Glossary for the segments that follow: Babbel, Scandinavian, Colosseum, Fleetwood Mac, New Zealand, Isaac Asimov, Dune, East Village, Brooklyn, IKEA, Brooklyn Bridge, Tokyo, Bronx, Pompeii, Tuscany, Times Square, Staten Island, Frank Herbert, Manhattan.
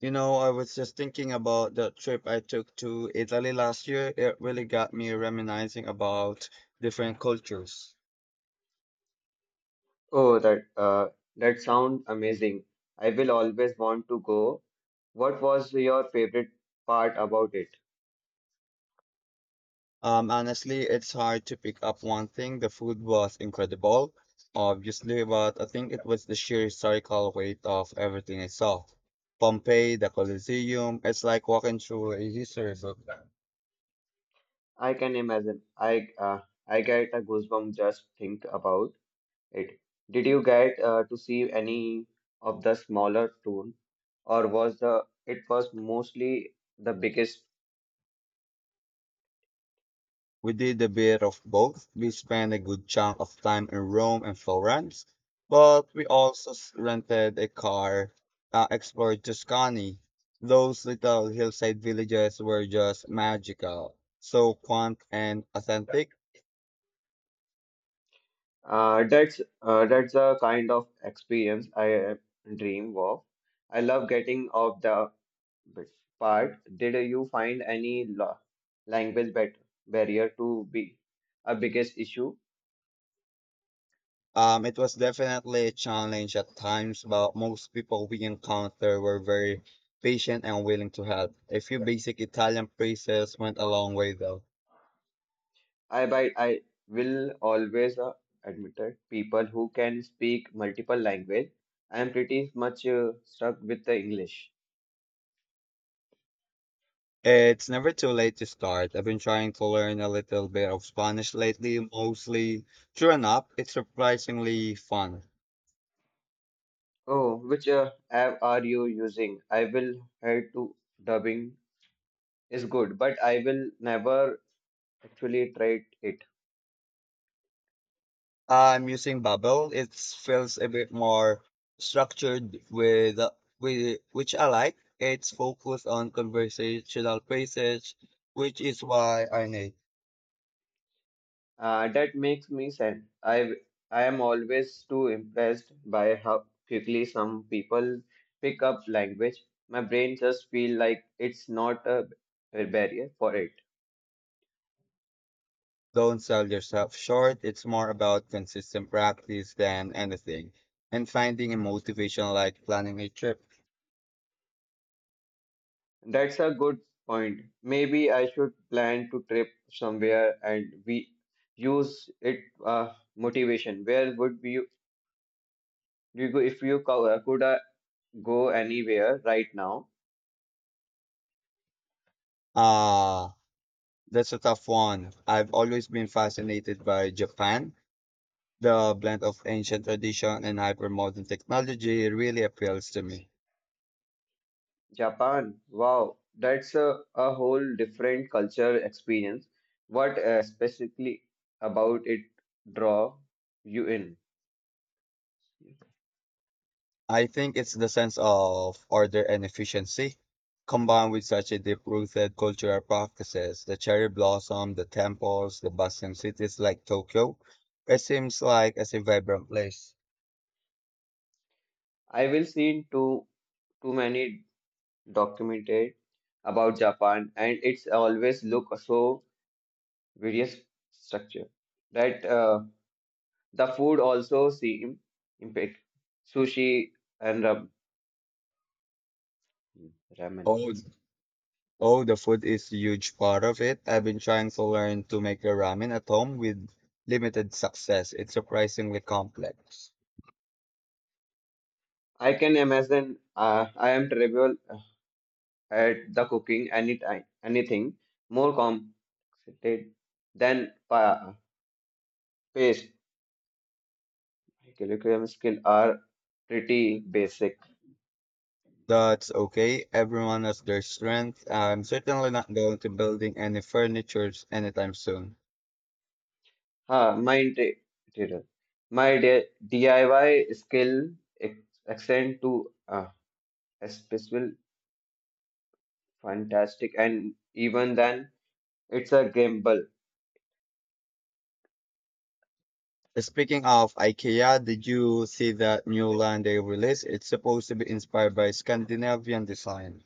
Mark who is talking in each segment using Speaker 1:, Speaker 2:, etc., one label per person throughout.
Speaker 1: You know, I was just thinking about the trip I took to Italy last year. It really got me reminiscing about different cultures.
Speaker 2: Oh, that sounds amazing. I will always want to go. What was your favorite part about it?
Speaker 1: Honestly, it's hard to pick up one thing. The food was incredible, obviously, but I think it was the sheer historical weight of everything I saw. Pompeii, the Colosseum, it's like walking through a history book.
Speaker 2: I can imagine. I get a goosebump just think about it. Did you get to see any of the smaller town, or was the it was mostly the biggest.
Speaker 1: We did a bit of both. We spent a good chunk of time in Rome and Florence, but we also rented a car, explored Tuscany. Those little hillside villages were just magical, so quaint and authentic.
Speaker 2: That's the kind of experience I dream of. I love getting off the bit part. Did you find any la language bat barrier to be a biggest issue?
Speaker 1: It was definitely a challenge at times, but most people we encountered were very patient and willing to help. A few basic Italian phrases went a long way, though.
Speaker 2: I will always admit it. People who can speak multiple language, I am pretty much stuck with the English.
Speaker 1: It's never too late to start. I've been trying to learn a little bit of Spanish lately, mostly through an app. It's surprisingly fun.
Speaker 2: Oh, which app are you using? I will head to dubbing is good, but I will never actually tried it.
Speaker 1: I'm using Babbel. It feels a bit more structured with, which I like. It's focused on conversational phrases, which is why I need.
Speaker 2: That makes me sad. I am always too impressed by how quickly some people pick up language. My brain just feel like it's not a barrier for it.
Speaker 1: Don't sell yourself short. It's more about consistent practice than anything, and finding a motivation like planning a trip.
Speaker 2: That's a good point. Maybe I should plan to trip somewhere and we use it motivation. You go if you could go anywhere right now?
Speaker 1: Uh That's a tough one. I've always been fascinated by Japan. The blend of ancient tradition and hypermodern technology really appeals to me.
Speaker 2: Japan, wow, that's a whole different culture experience. What specifically about it draw you in?
Speaker 1: I think it's the sense of order and efficiency combined with such a deep-rooted cultural practices, the cherry blossom, the temples, the bustling cities like Tokyo. It seems like a vibrant place.
Speaker 2: I will seen too many documented about Japan, and it's always look so various structure that the food also seem impact sushi and ramen.
Speaker 1: Oh, Oh, the food is a huge part of it. I've been trying to learn to make a ramen at home with limited success. It's surprisingly complex.
Speaker 2: I can imagine. I am travel. At the cooking any time, anything more complicated than paste. My curriculum skills are pretty basic.
Speaker 1: That's okay. Everyone has their strength. I'm certainly not going to building any furnitures anytime soon.
Speaker 2: Huh, my interior. My DIY skill extend to special fantastic and even then it's a gamble.
Speaker 1: Speaking of IKEA, did you see that new line they released? It's supposed to be inspired by Scandinavian design.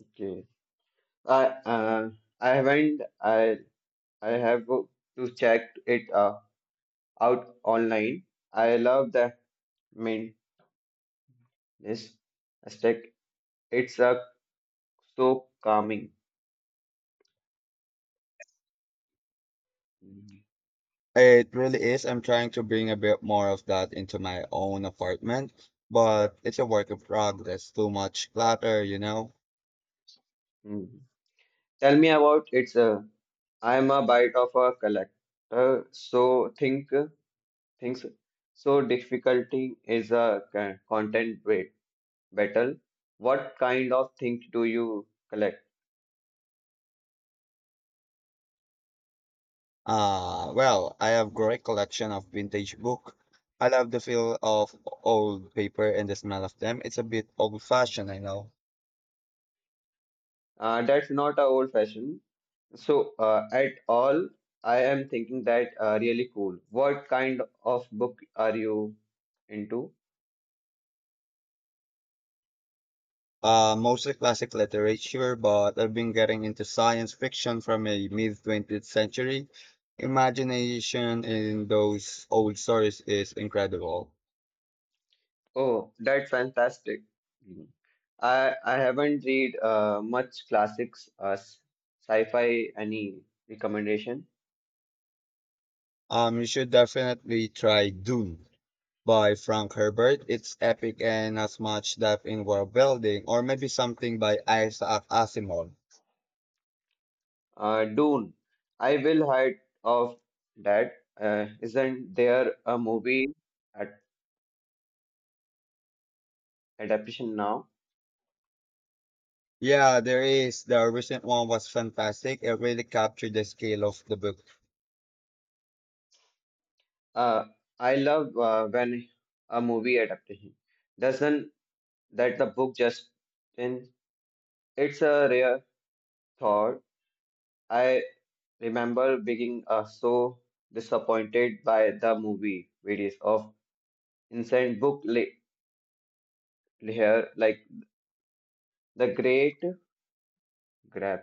Speaker 2: Okay. I uh, I haven't I have to check it out online. I love that. Yes, Aztec. It's a so calming. Mhm.
Speaker 1: It really is. I'm trying to bring a bit more of that into my own apartment, but it's a work in progress. Too much clutter.
Speaker 2: Mhm. Tell me about it's a. I'm a bite of a collector, so think things. So difficulty is a content weight battle. What kind of things do you collect?
Speaker 1: Well, I have great collection of vintage book. I love the feel of old paper and the smell of them. It's a bit old fashioned, I know.
Speaker 2: That's not a old fashioned. So at all, I am thinking that really cool. What kind of book are you into?
Speaker 1: Mostly classic literature, but I've been getting into science fiction from a mid 20th century. Imagination in those old stories is incredible.
Speaker 2: Oh, that's fantastic. Hmm. I haven't read much classics sci-fi any recommendation.
Speaker 1: You should definitely try Dune by Frank Herbert. It's epic and has much depth in world building, or maybe something by Isaac Asimov.
Speaker 2: Dune. I will hide of that. Isn't there a movie ad adaptation now?
Speaker 1: Yeah, there is. The recent one was fantastic. It really captured the scale of the book.
Speaker 2: Uh, I love when a movie adaptation doesn't that the book just in it's a rare thought. I remember being so disappointed by the movie videos of insane book here like the great grab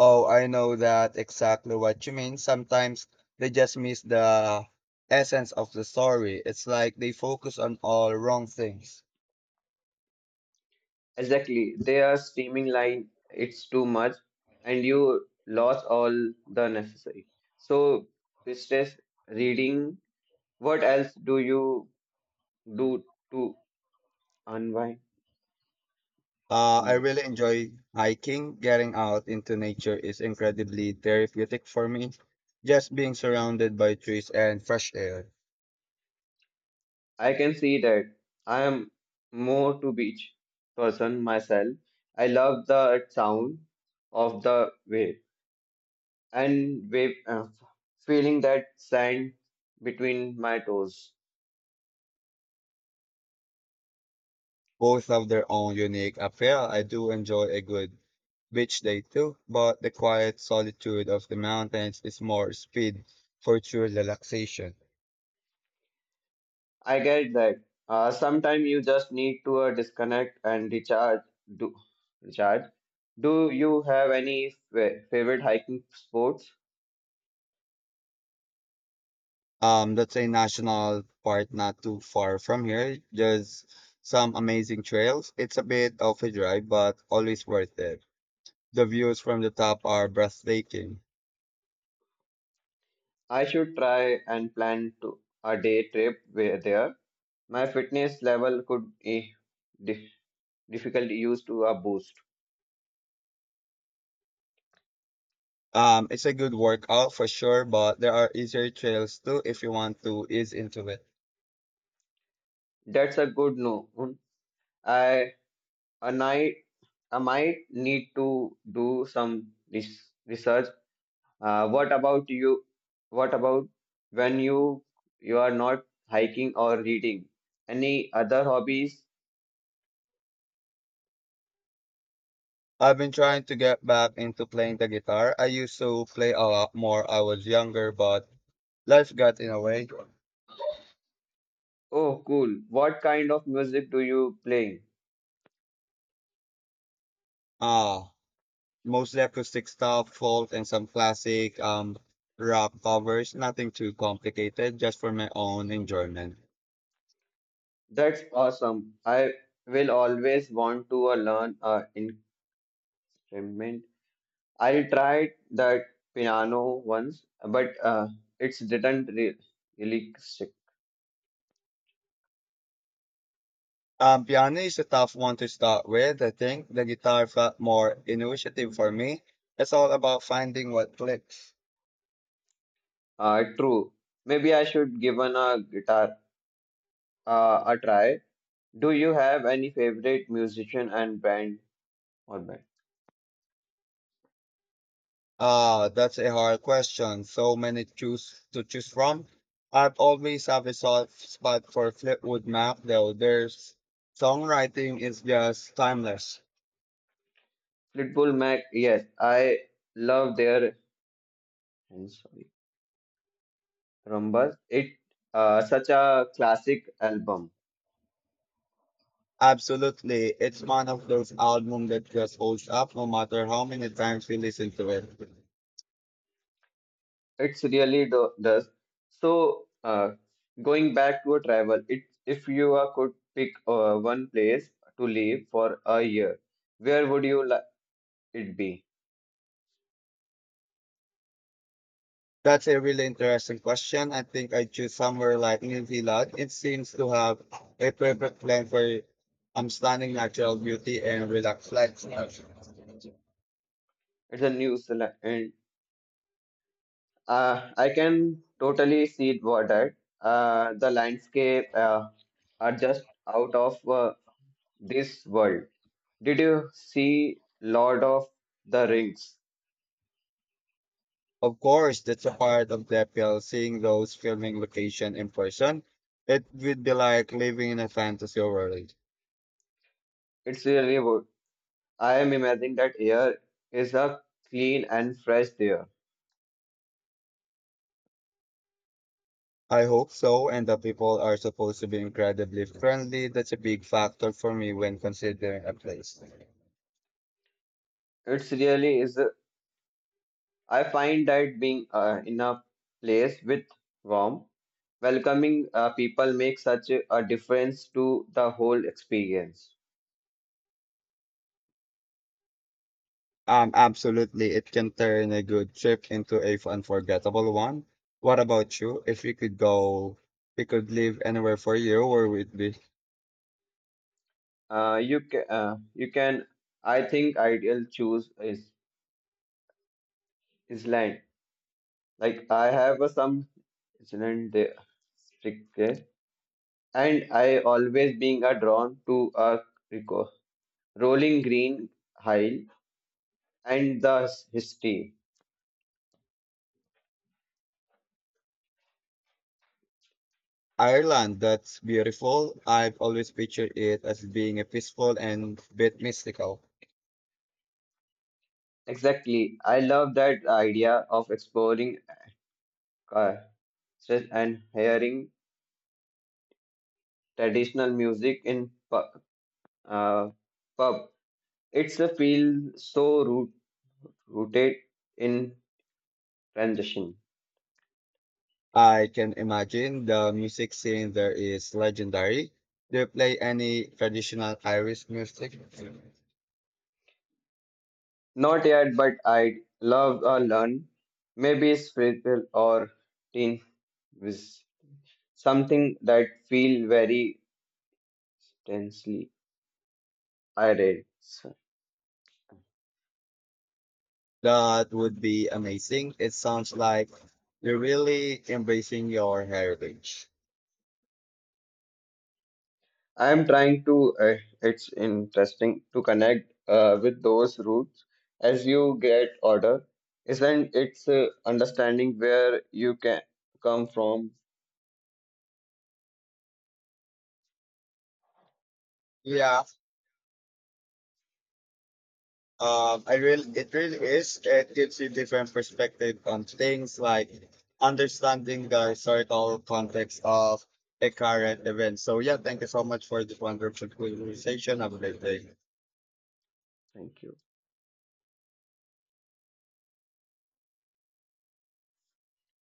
Speaker 1: Oh, I know that exactly what you mean. Sometimes they just miss the essence of the story. It's like they focus on all wrong things.
Speaker 2: exactly they are streaming line. It's too much and you lost all the necessary so stress reading. What else do you do to unwind
Speaker 1: I
Speaker 2: unwind?
Speaker 1: really enjoy hiking. Getting out into nature is incredibly therapeutic for me. Just being surrounded by trees and fresh air.
Speaker 2: I can see that. I am more to beach person myself. I love the sound of the wave and wave feeling that sand between my toes.
Speaker 1: Both have their own unique appeal. I do enjoy a good beach day too, but the quiet solitude of the mountains is more speed for true relaxation.
Speaker 2: I get that. Sometimes you just need to disconnect and Do recharge. Do you have any favorite hiking sports?
Speaker 1: That's a national park not too far from here. There's some amazing trails. It's a bit of a drive, but always worth it. The views from the top are breathtaking.
Speaker 2: I should try and plan to a day trip where there. My fitness level could be dif- difficult use to a boost.
Speaker 1: It's a good workout for sure, but there are easier trails too if you want to ease into it.
Speaker 2: That's a good no. I a night I might need to do some research. What about you? What about when you are not hiking or reading? Any other hobbies?
Speaker 1: I've been trying to get back into playing the guitar. I used to play a lot more I was younger, but life got in the way.
Speaker 2: Oh, cool. What kind of music do you play?
Speaker 1: Ah, Mostly acoustic stuff, folk, and some classic rock covers. Nothing too complicated, just for my own enjoyment.
Speaker 2: That's awesome. I will always want to learn an instrument. I tried that piano once, but it's didn't re really stick.
Speaker 1: Piano is a tough one to start with. I think the guitar felt more intuitive for me. It's all about finding what clicks.
Speaker 2: True. Maybe I should give an a guitar a try. Do you have any favorite musician and band or band?
Speaker 1: That's a hard question. So many choose from. I've always have a soft spot for Fleetwood Mac, though. Their songwriting is just timeless.
Speaker 2: Fleetwood Mac, yes, I love their I'm sorry, Rumbas. It such a classic album.
Speaker 1: Absolutely, it's one of those albums that just holds up no matter how many times we listen to it.
Speaker 2: It's really do does. So going back to a travel, it if you could pick one place to live for a year, where would you like it be?
Speaker 1: That's a really interesting question. I think I'd choose somewhere like New Zealand. It seems to have a perfect blend for stunning natural beauty and relaxed lifestyle.
Speaker 2: It's a new Zealand. I can totally see it what that. The landscape are just out of this world. Did you see Lord of the Rings?
Speaker 1: Of course, that's a part of the appeal, seeing those filming location in person. It would be like living in a fantasy world.
Speaker 2: It's really good. I am imagining that air is a clean and fresh air.
Speaker 1: I hope so, and the people are supposed to be incredibly friendly. That's a big factor for me when considering a place.
Speaker 2: It's really is. I find that being in a place with warm, welcoming people makes such a difference to the whole experience.
Speaker 1: Absolutely. It can turn a good trip into a unforgettable one. What about you? If you could go, we could live anywhere for you, where would it be?
Speaker 2: You can. I think ideal choose is Iceland. Like I have some Iceland there, stick there, and I always being a drawn to a reco rolling green hill and the history.
Speaker 1: Ireland, that's beautiful. I've always pictured it as being a peaceful and bit mystical.
Speaker 2: Exactly, I love that idea of exploring uh, stress and hearing traditional music in uh, pub. It's a feel so rooted in transition.
Speaker 1: I can imagine the music scene there is legendary. Do you play any traditional Irish music?
Speaker 2: Not yet, but I'd love a learn. Maybe spiritual or teen with something that feel very tensely. I read. So
Speaker 1: That would be amazing. It sounds like you're really embracing your heritage.
Speaker 2: I'm trying to. It's interesting to connect with those roots as you get older, isn't it's understanding where you can come from.
Speaker 1: Yeah, it really is. It gives you different perspective on things like understanding the historical context of a current event. So yeah, thank you so much for this wonderful conversation. Have a great day.
Speaker 2: Thank you.